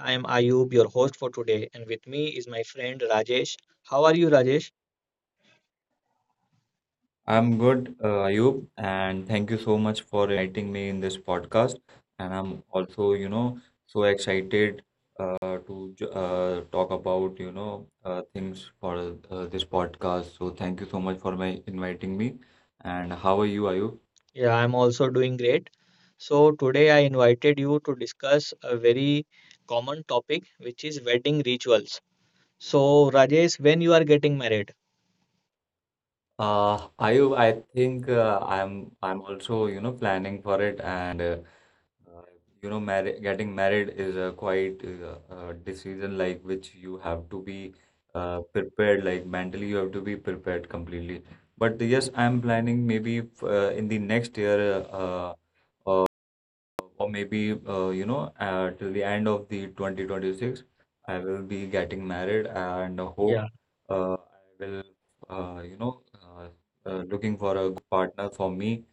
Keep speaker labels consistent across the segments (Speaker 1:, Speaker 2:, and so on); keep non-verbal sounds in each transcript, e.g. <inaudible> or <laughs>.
Speaker 1: I am Ayub, your host for today, and with me is my friend Rajesh. How are you, Rajesh?
Speaker 2: I'm good, Ayub, and thank you so much for inviting me in this podcast. And I'm also, you know, so excited to talk about, you know, things for this podcast. So thank you so much for my inviting me. And how are you, Ayub?
Speaker 1: Yeah, I'm also doing great. So, today I invited you to discuss a very common topic, which is wedding rituals. So, Rajesh, when you are getting married?
Speaker 2: Ayub, I think I'm also, you know, planning for it, and Uh, you know, marri getting married is a quite decision like which you have to be prepared, like mentally you have to be prepared completely. But yes, I'm planning maybe in the next year, or maybe you know, till the end of the 2026, I will be getting married, and I hope
Speaker 1: Yeah.
Speaker 2: I will, you know, looking for a partner for me.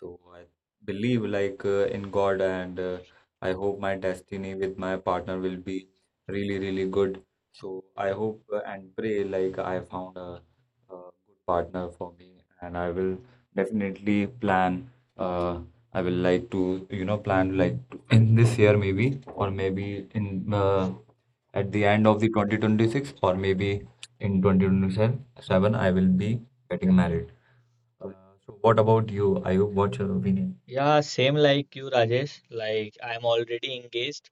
Speaker 2: So I believe like in God, and I hope my destiny with my partner will be really, really good. So I hope and pray like I found a good partner for me, and I will definitely plan. Uh, I will like to, you know, plan like in this year maybe, or maybe in at the end of the 2026, or maybe in 2027, I will be
Speaker 1: Yeah,
Speaker 2: getting married. Uh, so what about you? Ayub, what's your opinion?
Speaker 1: yeah, same like you, Rajesh. Like, I'm already engaged,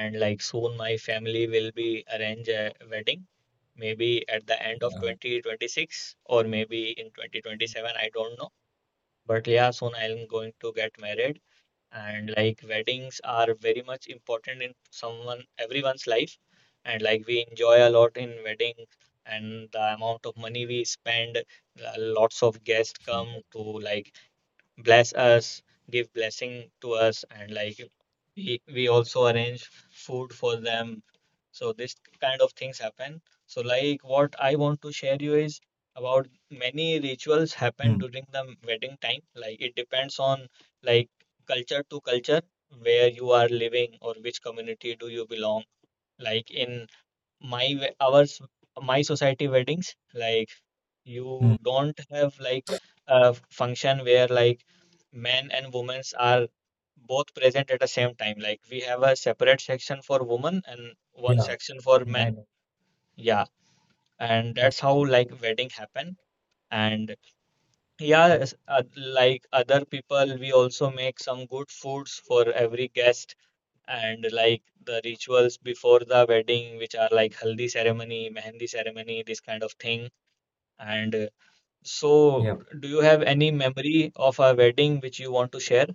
Speaker 1: and like soon my family will be arrange a wedding maybe at the end of
Speaker 2: Uh,
Speaker 1: 2026 or maybe in 2027, I don't know. But yeah, soon I'm going to get married. And like weddings are very much important in someone everyone's life, and like we enjoy a lot in wedding and the amount of money we spend, lots of guests come to like bless us, give blessing to us, and like we also arrange food for them. So this kind of things happen. So like what I want to share you is about many rituals happen
Speaker 2: Hmm.
Speaker 1: during the wedding time. Like it depends on like culture to culture where you are living or which community do you belong. Like in my we- ours my society weddings, like you
Speaker 2: Hmm.
Speaker 1: don't have like a function where like men and women are both present at the same time. Like we have a separate section for women and one
Speaker 2: Yeah.
Speaker 1: section for
Speaker 2: I
Speaker 1: men, yeah, and that's
Speaker 2: Def-
Speaker 1: how like wedding happen. And yeah, like other people, we also make some good foods for every guest. And like the rituals before the wedding, which are like haldi ceremony, mehendi ceremony, this kind of thing. And so,
Speaker 2: Yeah.
Speaker 1: do you have any memory of a wedding which you want to share?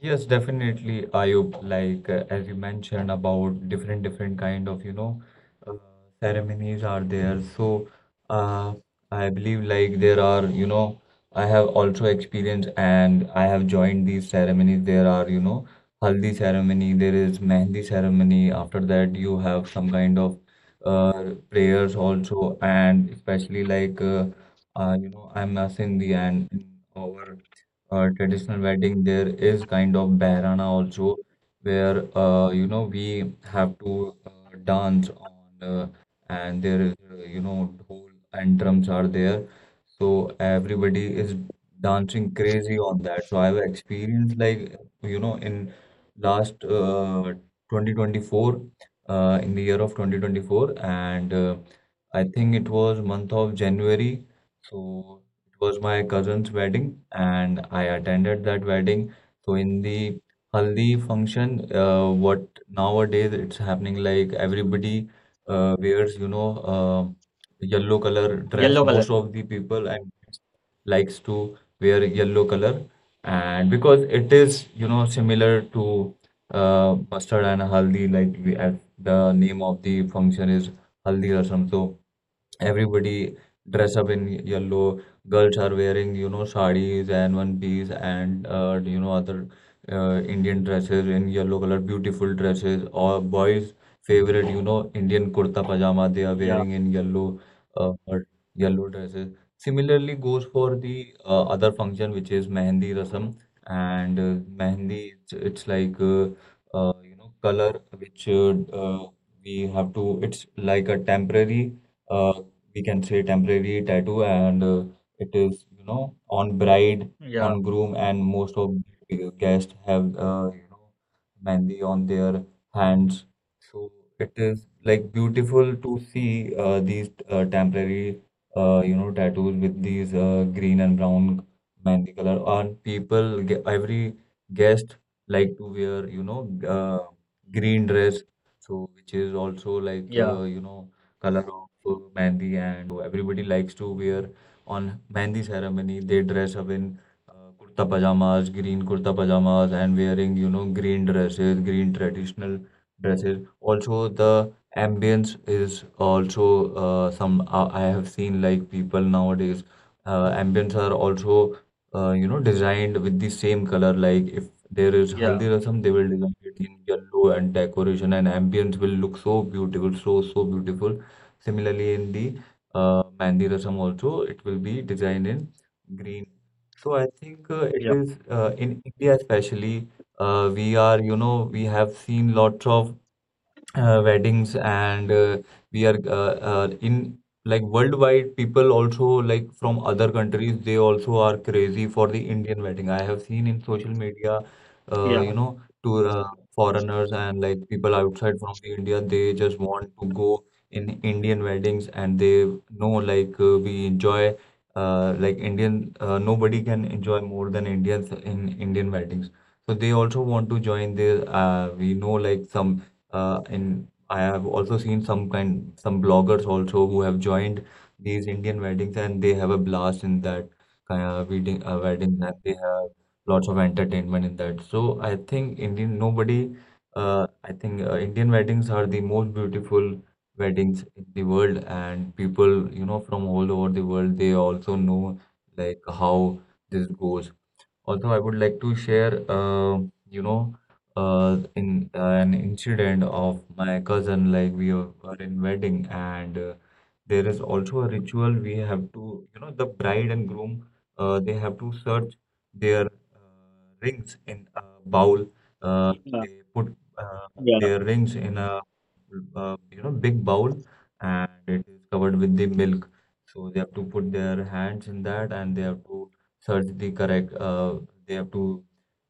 Speaker 2: Yes, definitely, Ayub. Like as you mentioned about different kind of, you know, uh, ceremonies are there. So uh, I believe like there are, you know, I have also experienced and I have joined these ceremonies. There are, you know, haldi ceremony. There is mehndi ceremony. After that, you have some kind of prayers also, and especially like you know, I'm a Sindhi, and in our traditional wedding, there is kind of Bairana also, where you know, we have to dance on, and there is you know, dhol and drums are there, so everybody is dancing crazy on that. So I've experienced like, you know, in last 2024, in the year of 2024, and I think it was month of January. So it was my cousin's wedding, and I attended that wedding. So in the haldi function, what nowadays it's happening like everybody wears, you know, uh yellow color dress.
Speaker 1: Yellow color.
Speaker 2: Most of the people and likes to wear yellow color, and because it is, you know, similar to mustard and haldi, like we, as the name of the function is haldi rasam. So everybody dress up in yellow, girls are wearing, you know, sarees and one piece and you know, other Indian dresses in yellow color, beautiful dresses, or boys' favorite, you know, Indian kurta pajama, they are
Speaker 1: Yeah,
Speaker 2: wearing in yellow or yellow dresses. Similarly goes for the other function, which is mehndi rasam, and mehndi, it's like you know, color which uh, we have to, it's like a temporary uh, we can say, temporary tattoo, and it is, you know, on bride,
Speaker 1: yeah,
Speaker 2: on groom, and most of the guests have you know, mehndi on their hands, so it is like beautiful to see these temporary you know, tattoos with these green and brown mehndi color, and people every guest like to wear, you know, uh, green dress, so which is also like
Speaker 1: yeah,
Speaker 2: you know, color of mehndi, and so everybody likes to wear on mehndi ceremony. They dress up in uh, kurta pajamas, green kurta pajamas, and wearing, you know, green dresses, green traditional dresses. Also, the ambience is also some I have seen like people nowadays. Ambience are also you know, designed with the same color, like if there is
Speaker 1: yeah,
Speaker 2: Haldi Rasam, they will design it in yellow, and decoration and ambience will look so beautiful, so so beautiful. Similarly, in the Mehndi Rasam also, it will be designed in green. So I think it
Speaker 1: yeah,
Speaker 2: is in India especially, we are, you know, we have seen lots of weddings, and we are in like worldwide, people also like from other countries, they also are crazy for the Indian wedding. I have seen in social media
Speaker 1: yeah,
Speaker 2: you know, to foreigners, and like people outside from the India, they just want to go in Indian weddings, and they know like we enjoy like Indian nobody can enjoy more than Indians in Indian weddings. So they also want to join the we know like some and I have also seen some kind, some bloggers also who have joined these Indian weddings, and they have a blast in that kind of wedding, and they have lots of entertainment in that. So I think Indian, nobody I think Indian weddings are the most beautiful weddings in the world, and people, you know, from all over the world, they also know like how this goes. Although I would like to share, you know, in an incident of my cousin, like we were in wedding, and there is also a ritual we have to, you know, the bride and groom, they have to search their rings in a bowl. Uh,
Speaker 1: yeah,
Speaker 2: they put uh,
Speaker 1: yeah.
Speaker 2: their rings in a, you know, big bowl, and it is covered with the milk. So they have to put their hands in that, and they have to certainly correct. They have to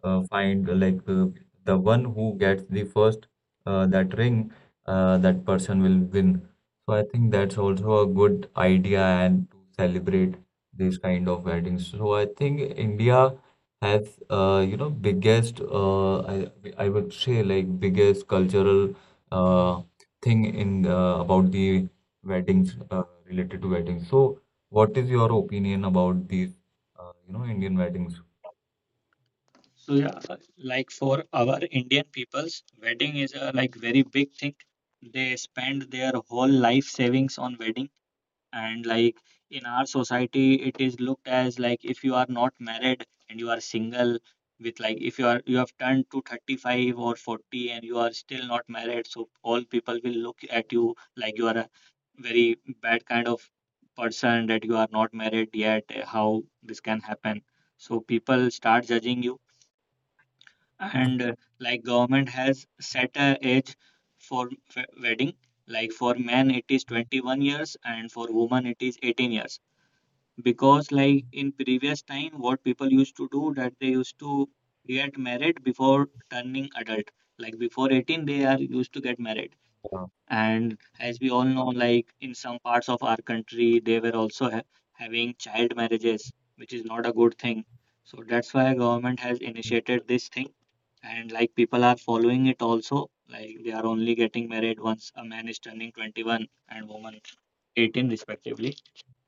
Speaker 2: find like the one who gets the first that ring, that person will win. So I think that's also a good idea and to celebrate these kind of weddings. So I think India has you know, biggest I would say, like, biggest cultural uh, thing in about the weddings related to weddings. So. What is your opinion about these you know, Indian weddings.
Speaker 1: So yeah, like for our Indian peoples, wedding is a like very big thing. They spend their whole life savings on wedding. And like in our society, it is looked as like if you are not married and you are single, with like if you have turned to 35 or 40 and you are still not married, so all people will look at you like you are a very bad kind of person, that you are not married yet. How this can happen? So people start judging you. And like government has set a age for wedding. Like for men it is 21 years and for women it is 18 years, because like in previous time what people used to do, that they used to get married before turning adult, like before 18 they are used to get married.
Speaker 2: Uh,
Speaker 1: And as we all know, like in some parts of our country, they were also having child marriages, which is not a good thing. So that's why government has
Speaker 2: Mm,
Speaker 1: initiated this thing, and like people are following it also. Like they are only getting married once a man is turning 21 and woman 18 respectively.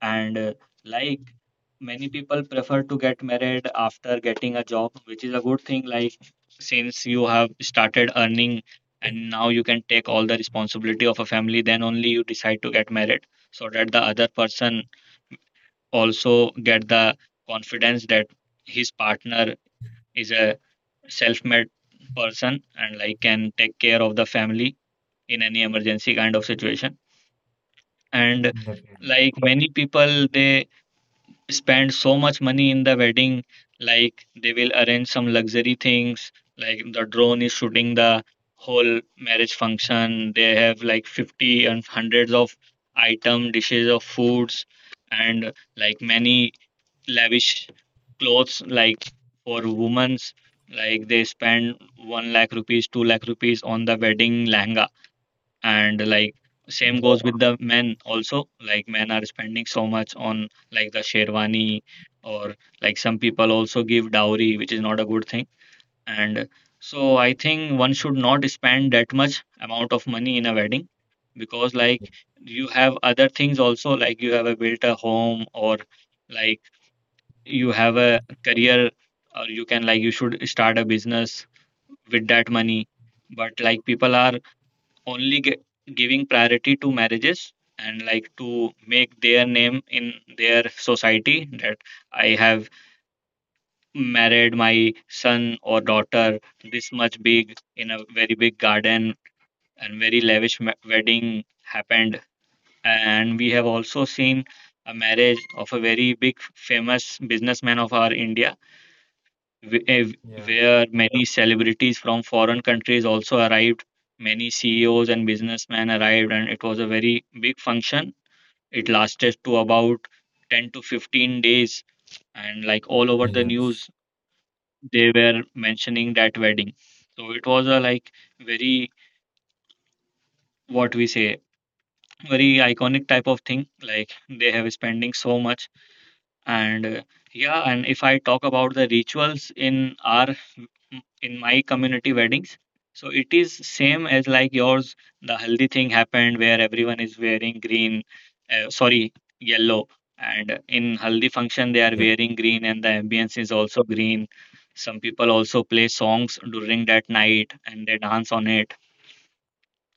Speaker 1: And like many people prefer to get married after getting a job, which is a good thing. Like since you have started earning and now you can take all the responsibility of a family, then only you decide to get married, so that the other person also get the confidence that his partner is a self-made person and like can take care of the family in any emergency kind of situation. And
Speaker 2: Definitely.
Speaker 1: like many people, they spend so much money in the wedding. Like they will arrange some luxury things, like the drone is shooting the whole marriage function. They have like 50 and hundreds of item dishes of foods and like many lavish clothes. Like for women's, like they spend 1 lakh rupees, 2 lakh rupees on the wedding lehenga. And like same goes
Speaker 2: Yeah.
Speaker 1: with the men also. Like men are spending so much on like the sherwani, or like some people also give dowry, which is not a good thing. And so I think one should not spend that much amount of money in a wedding, because like you have other things also. Like you have a built a home, or like you have a career, or you can like you should start a business with that money. But like people are only giving priority to marriages, and like to make their name in their society, that I have married my son or daughter this much big in a very big garden and very lavish wedding happened. And we have also seen a marriage of a very big famous businessman of our India, wh- eh,
Speaker 2: Yeah.
Speaker 1: where many celebrities from foreign countries also arrived. Many CEOs and businessmen arrived, and it was a very big function. It lasted to about 10 to 15 days, and like all over the
Speaker 2: Yes.
Speaker 1: news, they were mentioning that wedding. So it was a like very, what we say, very iconic type of thing. Like they have spending so much. And yeah, and if I talk about the rituals in our in my community weddings, so it is same as like yours. The healthy thing happened where everyone is wearing green. Sorry, yellow. And in haldi function they are
Speaker 2: Yep.
Speaker 1: wearing green, and the ambience is also green. Some people also play songs during that night and they dance on it,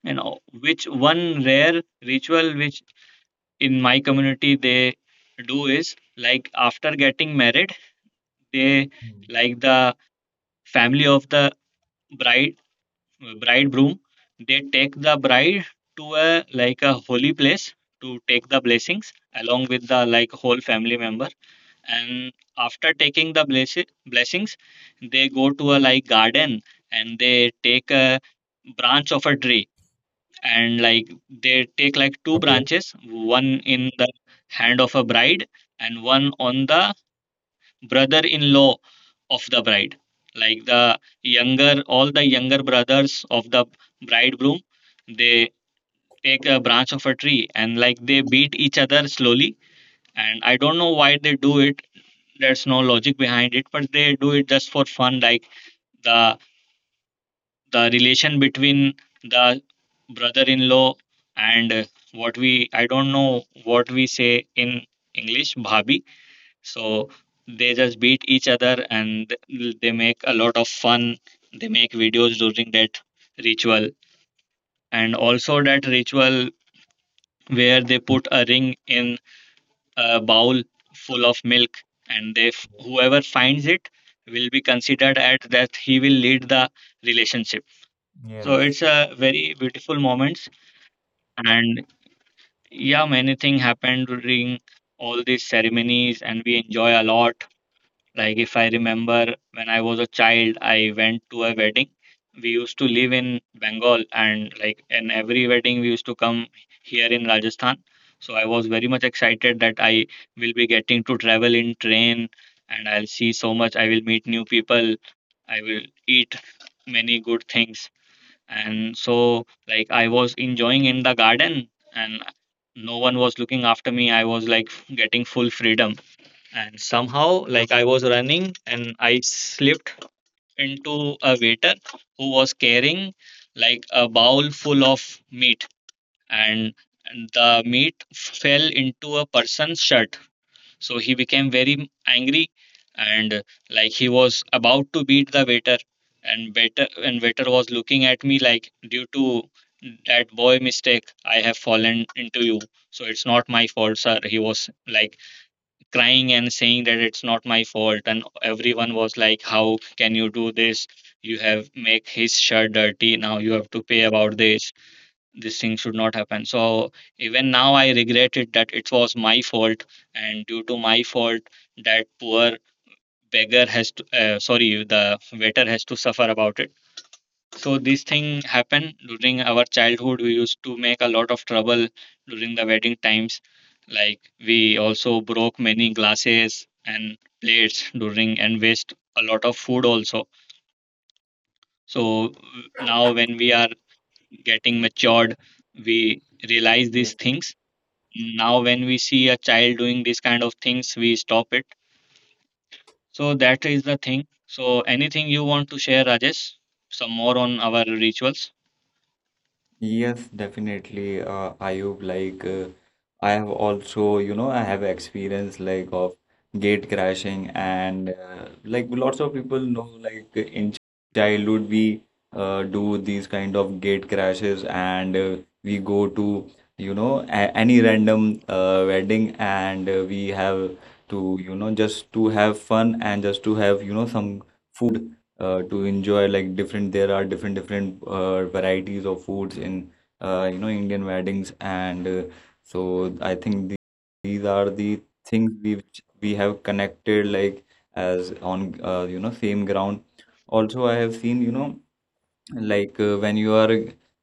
Speaker 1: you know. Which one rare ritual which in my community they do is like, after getting married, they
Speaker 2: Mm.
Speaker 1: like the family of the bride bridegroom, they take the bride to a like a holy place to take the blessings along with the like whole family member. And after taking the blessings, they go to a like garden, and they take a branch of a tree. And like they take like two
Speaker 2: Okay.
Speaker 1: branches, one in the hand of a bride and one on the brother in law of the bride. Like the younger, all the younger brothers of the bridegroom, they take a branch of a tree, and like they beat each other slowly. And I don't know why they do it, there's no logic behind it, but they do it just for fun. Like the the relation between the brother-in-law and what we I don't know what we say in English, bhabi. So they just beat each other and they make a lot of fun. They make videos during that ritual. And also that ritual where they
Speaker 2: Mm.
Speaker 1: put a ring in a bowl full of milk, and they whoever finds it will be considered at that he will lead the relationship. So
Speaker 2: Yes.
Speaker 1: it's a very beautiful moments. And yeah, many thing happened during all these ceremonies, and we enjoy a lot. Like if I remember, when I was a child, I went to a wedding. We used to live in Bengal, and like in every wedding, we used to come here in Rajasthan. So I was very much excited that I will be getting to travel in train, and I'll see so much. I will meet new people. I will eat many good things. And so, like, I was enjoying in the garden, and no one was looking after me. I was like getting full freedom, and somehow like I was running, and I slipped into a waiter who was carrying like a bowl full of meat. And and the meat fell into a person's shirt. So he became very angry, and like he was about to beat the waiter, and waiter was looking at me like, due to that boy mistake I have fallen into you, so it's not my fault, sir. He was like crying and saying that it's not my fault, and everyone was like, how can you do this? You have make his shirt dirty, now you have to pay about This thing should not happen. So even now I regret it, that it was my fault, and due to my fault that poor beggar has to, sorry, the waiter has to suffer about it. So this thing happened during our childhood. We used to make a lot of trouble during the wedding times. Like we also broke many glasses and plates during and waste a lot of food also. So now when we are getting matured, we realize these
Speaker 2: Yes, I
Speaker 1: things. Now when we see a child doing these kind of things, we stop it. So that is the thing. So anything you want to share, Rajesh? Some more on our rituals?
Speaker 2: Yes, definitely. Ayub, like I have also, you know, I have experience like of gate crashing, and like lots of people know, like in childhood we do these kind of gate crashes, and we go to, you know, a any random wedding, and we have to, you know, just to have fun and just to have, you know, some food to enjoy. Like different, there are different varieties of foods in you know, Indian weddings, and so I think these are the things we which we have connected like as on you know, same ground. Also, I have seen, you know, like when you are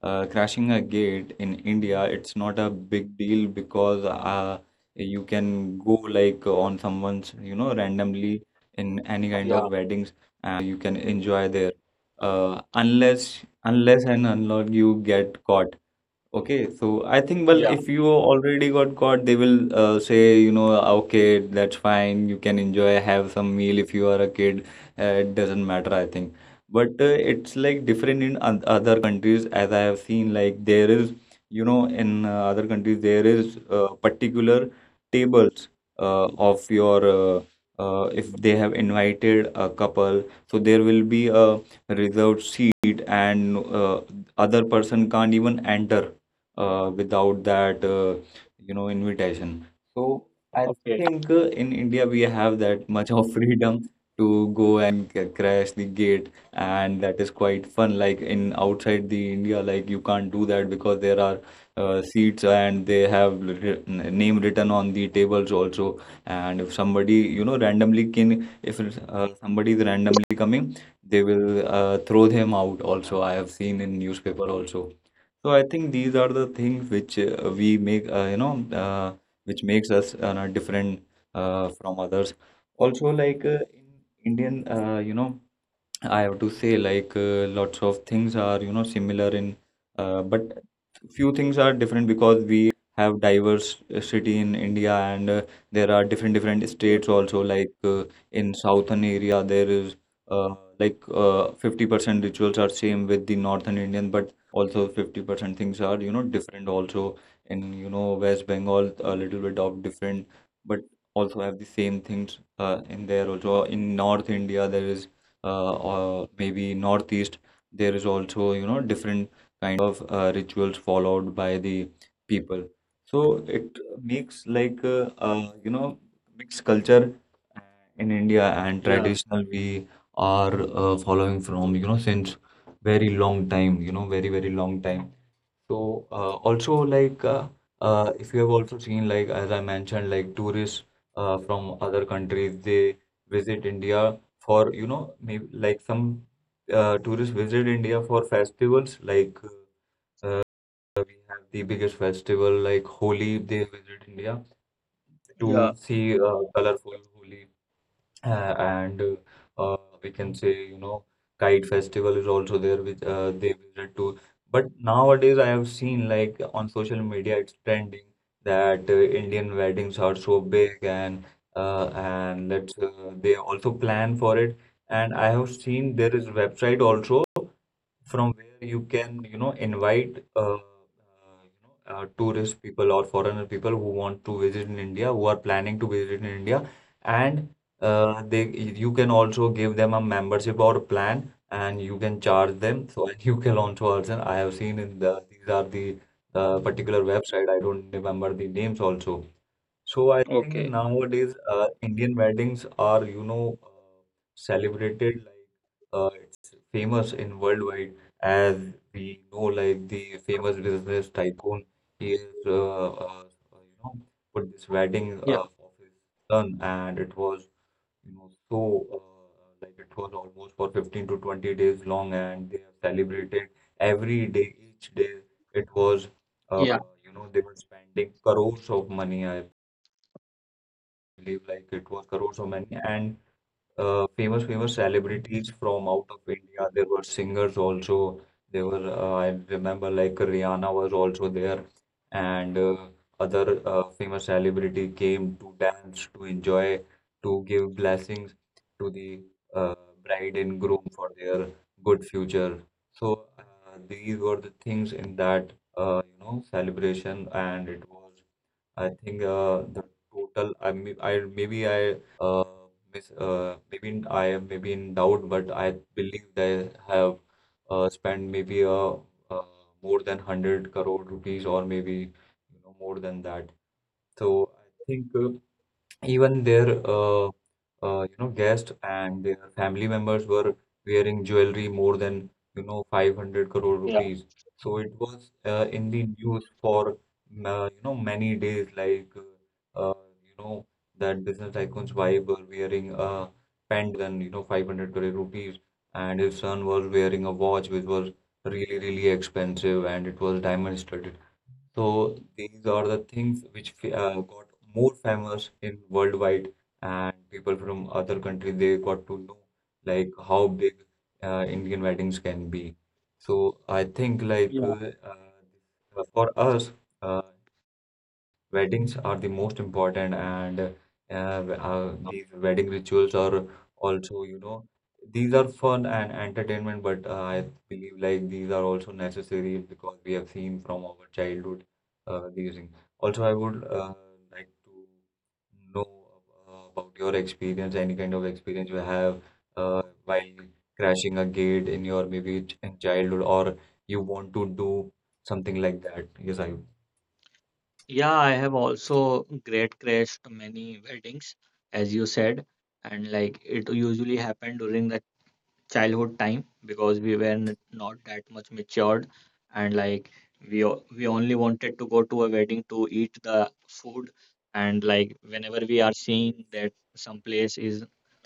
Speaker 2: crashing a gate in India, it's not a big deal, because you can go like on someone's, you know, randomly in any kind
Speaker 1: Yeah,
Speaker 2: of weddings, you can enjoy there unless and unless you get caught. Okay, so I think, well,
Speaker 1: yeah,
Speaker 2: if you already got caught, they will say, you know, okay, that's fine. You can enjoy, have some meal if you are a kid. It doesn't matter, I think. But it's like different in other countries, as I have seen. Like there is, you know, in other countries there is particular tables of your uh, if they have invited a couple, so there will be a reserved seat, and other person can't even enter without that you know, invitation. So I
Speaker 1: okay.
Speaker 2: think in India we have that much of freedom to go and crash the gate, and that is quite fun. Like in outside the India, like you can't do that, because there are seats, and they have name written on the tables also. And if somebody, you know, randomly can, if somebody is randomly coming, they will throw them out also. I have seen in newspaper also. So I think these are the things which we make, you know, which makes us different from others. Also, like in Indian, you know, I have to say, like, lots of things are, you know, similar in, but few things are different, because we have diverse city in India, and there are different different states also. Like in southern area, there is like 50% rituals are same with the northern Indian, but also 50% things are, you know, different also in, you know, West Bengal, a little bit of different, but also have the same things in there also. In North India, there is or maybe northeast, there is also different kind of rituals followed by the people, so it makes like mixed culture uh, in India, and
Speaker 1: Yeah,
Speaker 2: traditional we are following from since very long time, very long time. So also like if you have also seen, like as I mentioned, like tourists from other countries, they visit India for maybe like some tourists visit India for festivals, like we have the biggest festival like Holi. They visit India to see colorful Holi, and uh, we can say, kite festival is also there, which they visit to. But nowadays, I have seen like on social media, it's trending that Indian weddings are so big, and and let's they also plan for it. And I have seen there is website also from where you can, invite tourist people or foreigner people who want to visit in India, who are planning to visit in India, and they you can also give them a membership or plan, and you can charge them. So <laughs> and you can also I have seen in these are the particular website. I don't remember the names also. So I think
Speaker 1: okay.
Speaker 2: nowadays Indian weddings are, celebrated like it's famous in worldwide. As we know, like the famous business tycoon, he is, you know, put this wedding
Speaker 1: Yeah,
Speaker 2: of his son, and it was, so like it was almost for 15 to 20 days long, and they have celebrated every day, each day. It was, uh,
Speaker 1: yeah,
Speaker 2: they were spending crores of money, I believe, like it was crores of money, and famous celebrities from out of India. There were singers also. There were I remember like Rihanna was also there, and other famous celebrity came to dance, to enjoy, to give blessings to the uh, bride and groom for their good future. So these were the things in that celebration, and it was, I think the total I uh, mis maybe I am maybe in doubt, but I believe they have spent maybe uh, more than 100 crore rupees, or maybe more than that. So I think even their guests and their family members were wearing jewelry more than 500 crore
Speaker 1: yeah.
Speaker 2: rupees. So it was in the news for many days, like you know that business tycoon's wife were wearing a than 500 crore rupees, and his son was wearing a watch which was really expensive and it was diamond studded. So these are the things which got more famous in worldwide, and people from other country, they got to know like how big Indian weddings can be. So I think like
Speaker 1: Yeah.
Speaker 2: for us, uh, weddings are the most important, and these wedding rituals are also, these are fun and entertainment, but I believe like these are also necessary because we have seen from our childhood using. Also, I would like to know about your experience, any kind of experience you have while crashing a gate in your maybe in childhood, or you want to do something like that. Yes, I.
Speaker 1: Yeah, I have also great crashed many weddings, as you said, and like it usually happened during the childhood time because we were not that much matured and like we only wanted to go to a wedding to eat the food and like whenever we are
Speaker 2: Yeah.
Speaker 1: seeing that some place is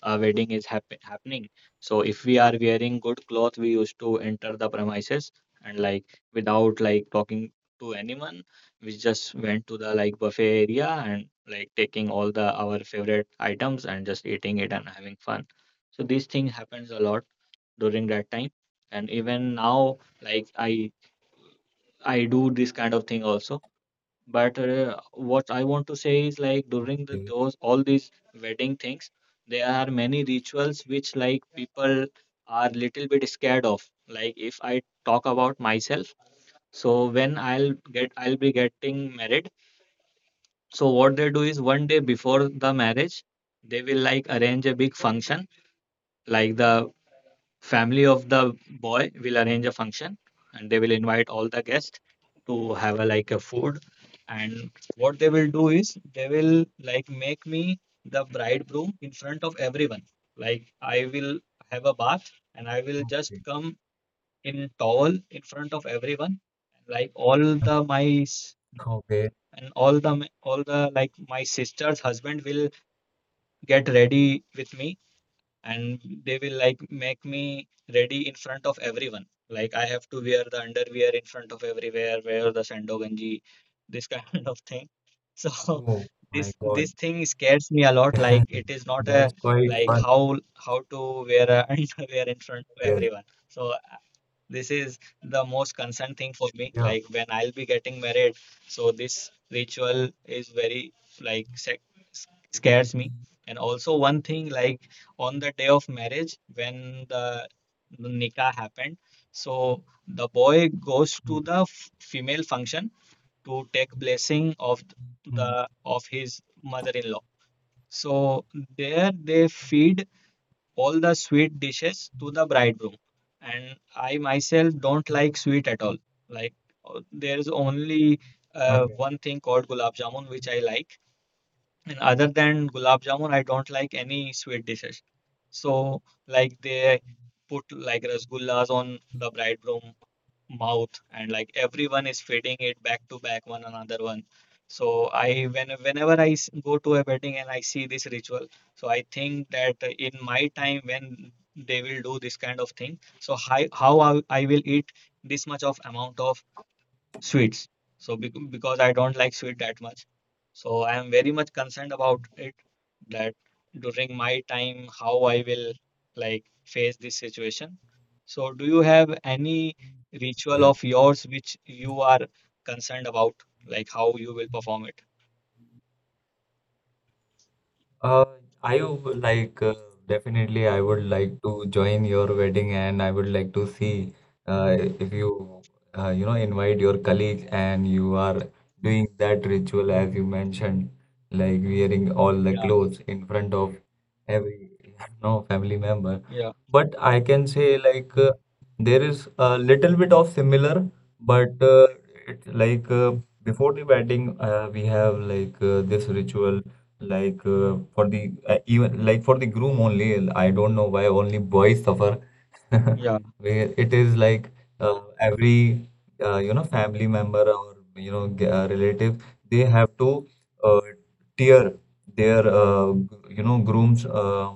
Speaker 1: a wedding is happening, so if we are wearing good cloth we used to enter the premises and like without like talking to anyone we just went to the like buffet area and like taking all the our favorite items and just eating it and having fun. So these things happens a lot during that time and even now like I do this kind of thing also, but what I want to say is like during the,
Speaker 2: Okay.
Speaker 1: those all these wedding things there are many rituals which like people are little bit scared of. Like if I talk about myself, so when I'll get I'll be getting married, so what they do is one day before the marriage they will like arrange a big function, like the family of the boy will arrange
Speaker 2: Hmm.
Speaker 1: a function and they will invite all the guests to have a like a food. And what they will do is they will like make me the bridegroom in front of everyone, like I will have a bath and I will just
Speaker 2: Okay.
Speaker 1: come in towel in front of everyone, like all the
Speaker 2: <laughs>
Speaker 1: my s-
Speaker 2: Okay.
Speaker 1: and all the m- all the like my sister's husband will get ready with me and they will like make me ready in front of everyone. Like I have to wear the underwear in front of everywhere, wear the sando ganji, this <laughs> kind of thing. <laughs> So
Speaker 2: Oh my
Speaker 1: this
Speaker 2: God.
Speaker 1: this thing scares me a lot. Like it is
Speaker 2: <laughs>
Speaker 1: not
Speaker 2: That's
Speaker 1: a
Speaker 2: quite
Speaker 1: like
Speaker 2: fun.
Speaker 1: how to wear a <laughs> underwear in front of
Speaker 2: Yes.
Speaker 1: everyone. So this is the most concerned thing for me,
Speaker 2: Yeah.
Speaker 1: like when I'll be getting married, so this ritual is very like scares me. And also one thing, like on the day of marriage when the nikah happened, so the boy goes to
Speaker 2: Hmm.
Speaker 1: the female function to take blessing of
Speaker 2: Hmm.
Speaker 1: the of his mother-in-law, so there they feed all the sweet dishes to the bridegroom. And I myself don't like sweet at all. Like there is only
Speaker 2: Okay.
Speaker 1: one thing called gulab jamun which I like. And other than gulab jamun, I don't like any sweet dishes. So like they put like rasgullas on the bridegroom mouth and like everyone is feeding it back to back one another one. So I when whenever I go to a wedding and I see this ritual, so I think that in my time when they will do this kind of thing, so hi, how I will eat this much of amount of sweets. So because I don't like sweet that much, so I am very much concerned about it that during my time how I will like face this situation. So do you have any ritual
Speaker 2: Yeah.
Speaker 1: of yours which you are concerned about, like how you will perform it?
Speaker 2: Uh, I would like, definitely I would like to join your wedding, and I would like to see if you you know invite your colleagues and you are doing that ritual as you mentioned, like wearing all the
Speaker 1: Yeah,
Speaker 2: clothes in front of every <laughs> no family member.
Speaker 1: yeah,
Speaker 2: But I can say like there is a little bit of similar, but it's like before the wedding we have like this ritual like for the even like for the groom only. I don't know why only boys suffer. <laughs>
Speaker 1: yeah,
Speaker 2: Where it is like every family member or relative, they have to uh, tear their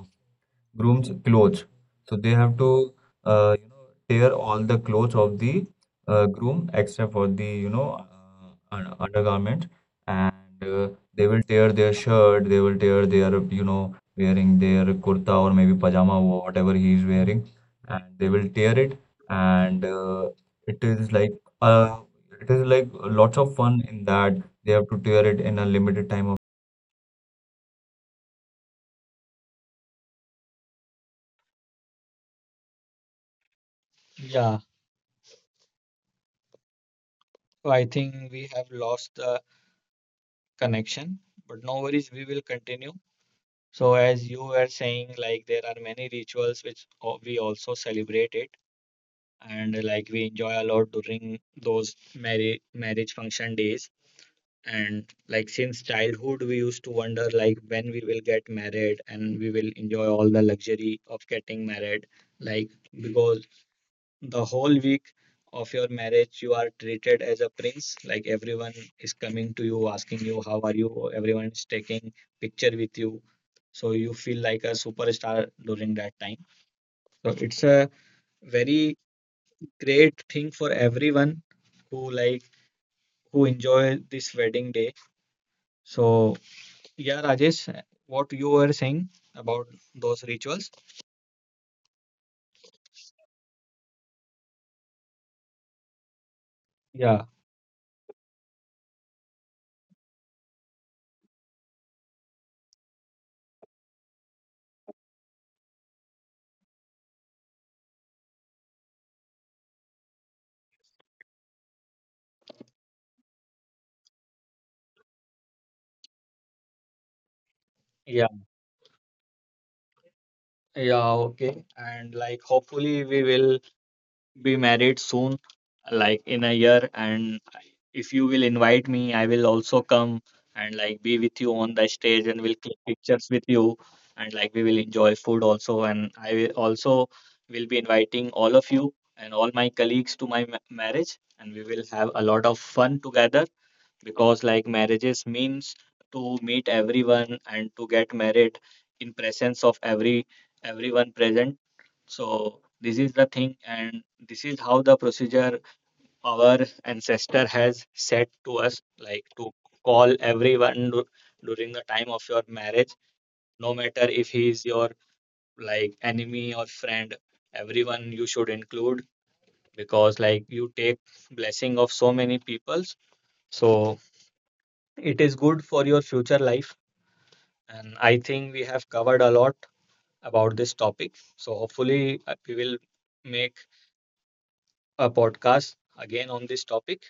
Speaker 2: groom's clothes. So they have to tear all the clothes of the groom except for the undergarment, and uh, they will tear their shirt. They will tear their wearing their kurta or maybe pajama or whatever he is wearing, and they will tear it. And it is like uh, it is like lots of fun in that they have to tear it in a limited time of
Speaker 1: yeah. So I think we have lost the connection, but no worries, we will continue. So as you were saying, like there are many rituals which we also celebrate it. And like we enjoy a lot during those marriage function days and like since childhood we used to wonder like when we will get married and we will enjoy all the luxury of getting married, like because the whole week of your marriage you are treated as a prince, like everyone is coming to you asking you how are you, everyone is taking picture with you, so you feel like a superstar during that time. So it's a very great thing for everyone who like who enjoy this wedding day. So yeah, Rajesh, what you were saying about those rituals? Yeah, yeah, yeah. Okay, and like hopefully we will be married soon, like in a year. And if you will invite me, I will also come and like be with you on the stage and we'll click pictures with you. And like we will enjoy food also. And I will also will be inviting all of you and all my colleagues to my marriage. And we will have a lot of fun together because like marriages means to meet everyone and to get married in presence of every everyone present. So this is the thing and this is how the procedure our ancestor has said to us, like to call everyone during the time of your marriage, no matter if he is your like enemy or friend, everyone you should include because like you take blessing of so many peoples, so it is good for your future life. And I think we have covered a lot about this topic. So hopefully, we will make a podcast again on this topic.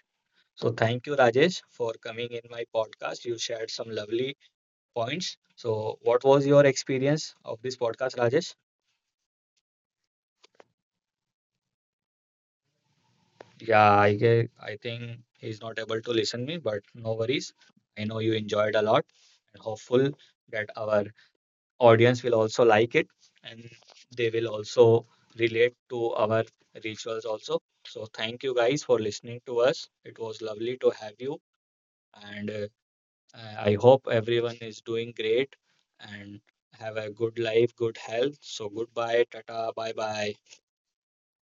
Speaker 1: So thank you, Rajesh, for coming in my podcast. You shared some lovely points. So what was your experience of this podcast, Rajesh? Yeah, I I think he's not able to listen me, but no worries. I know you enjoyed a lot and hopeful that our audience will also like it and they will also relate to our rituals also. So thank you guys for listening to us, it was lovely to have you and I hope everyone is doing great and have a good life, good health. So goodbye, tata, bye bye.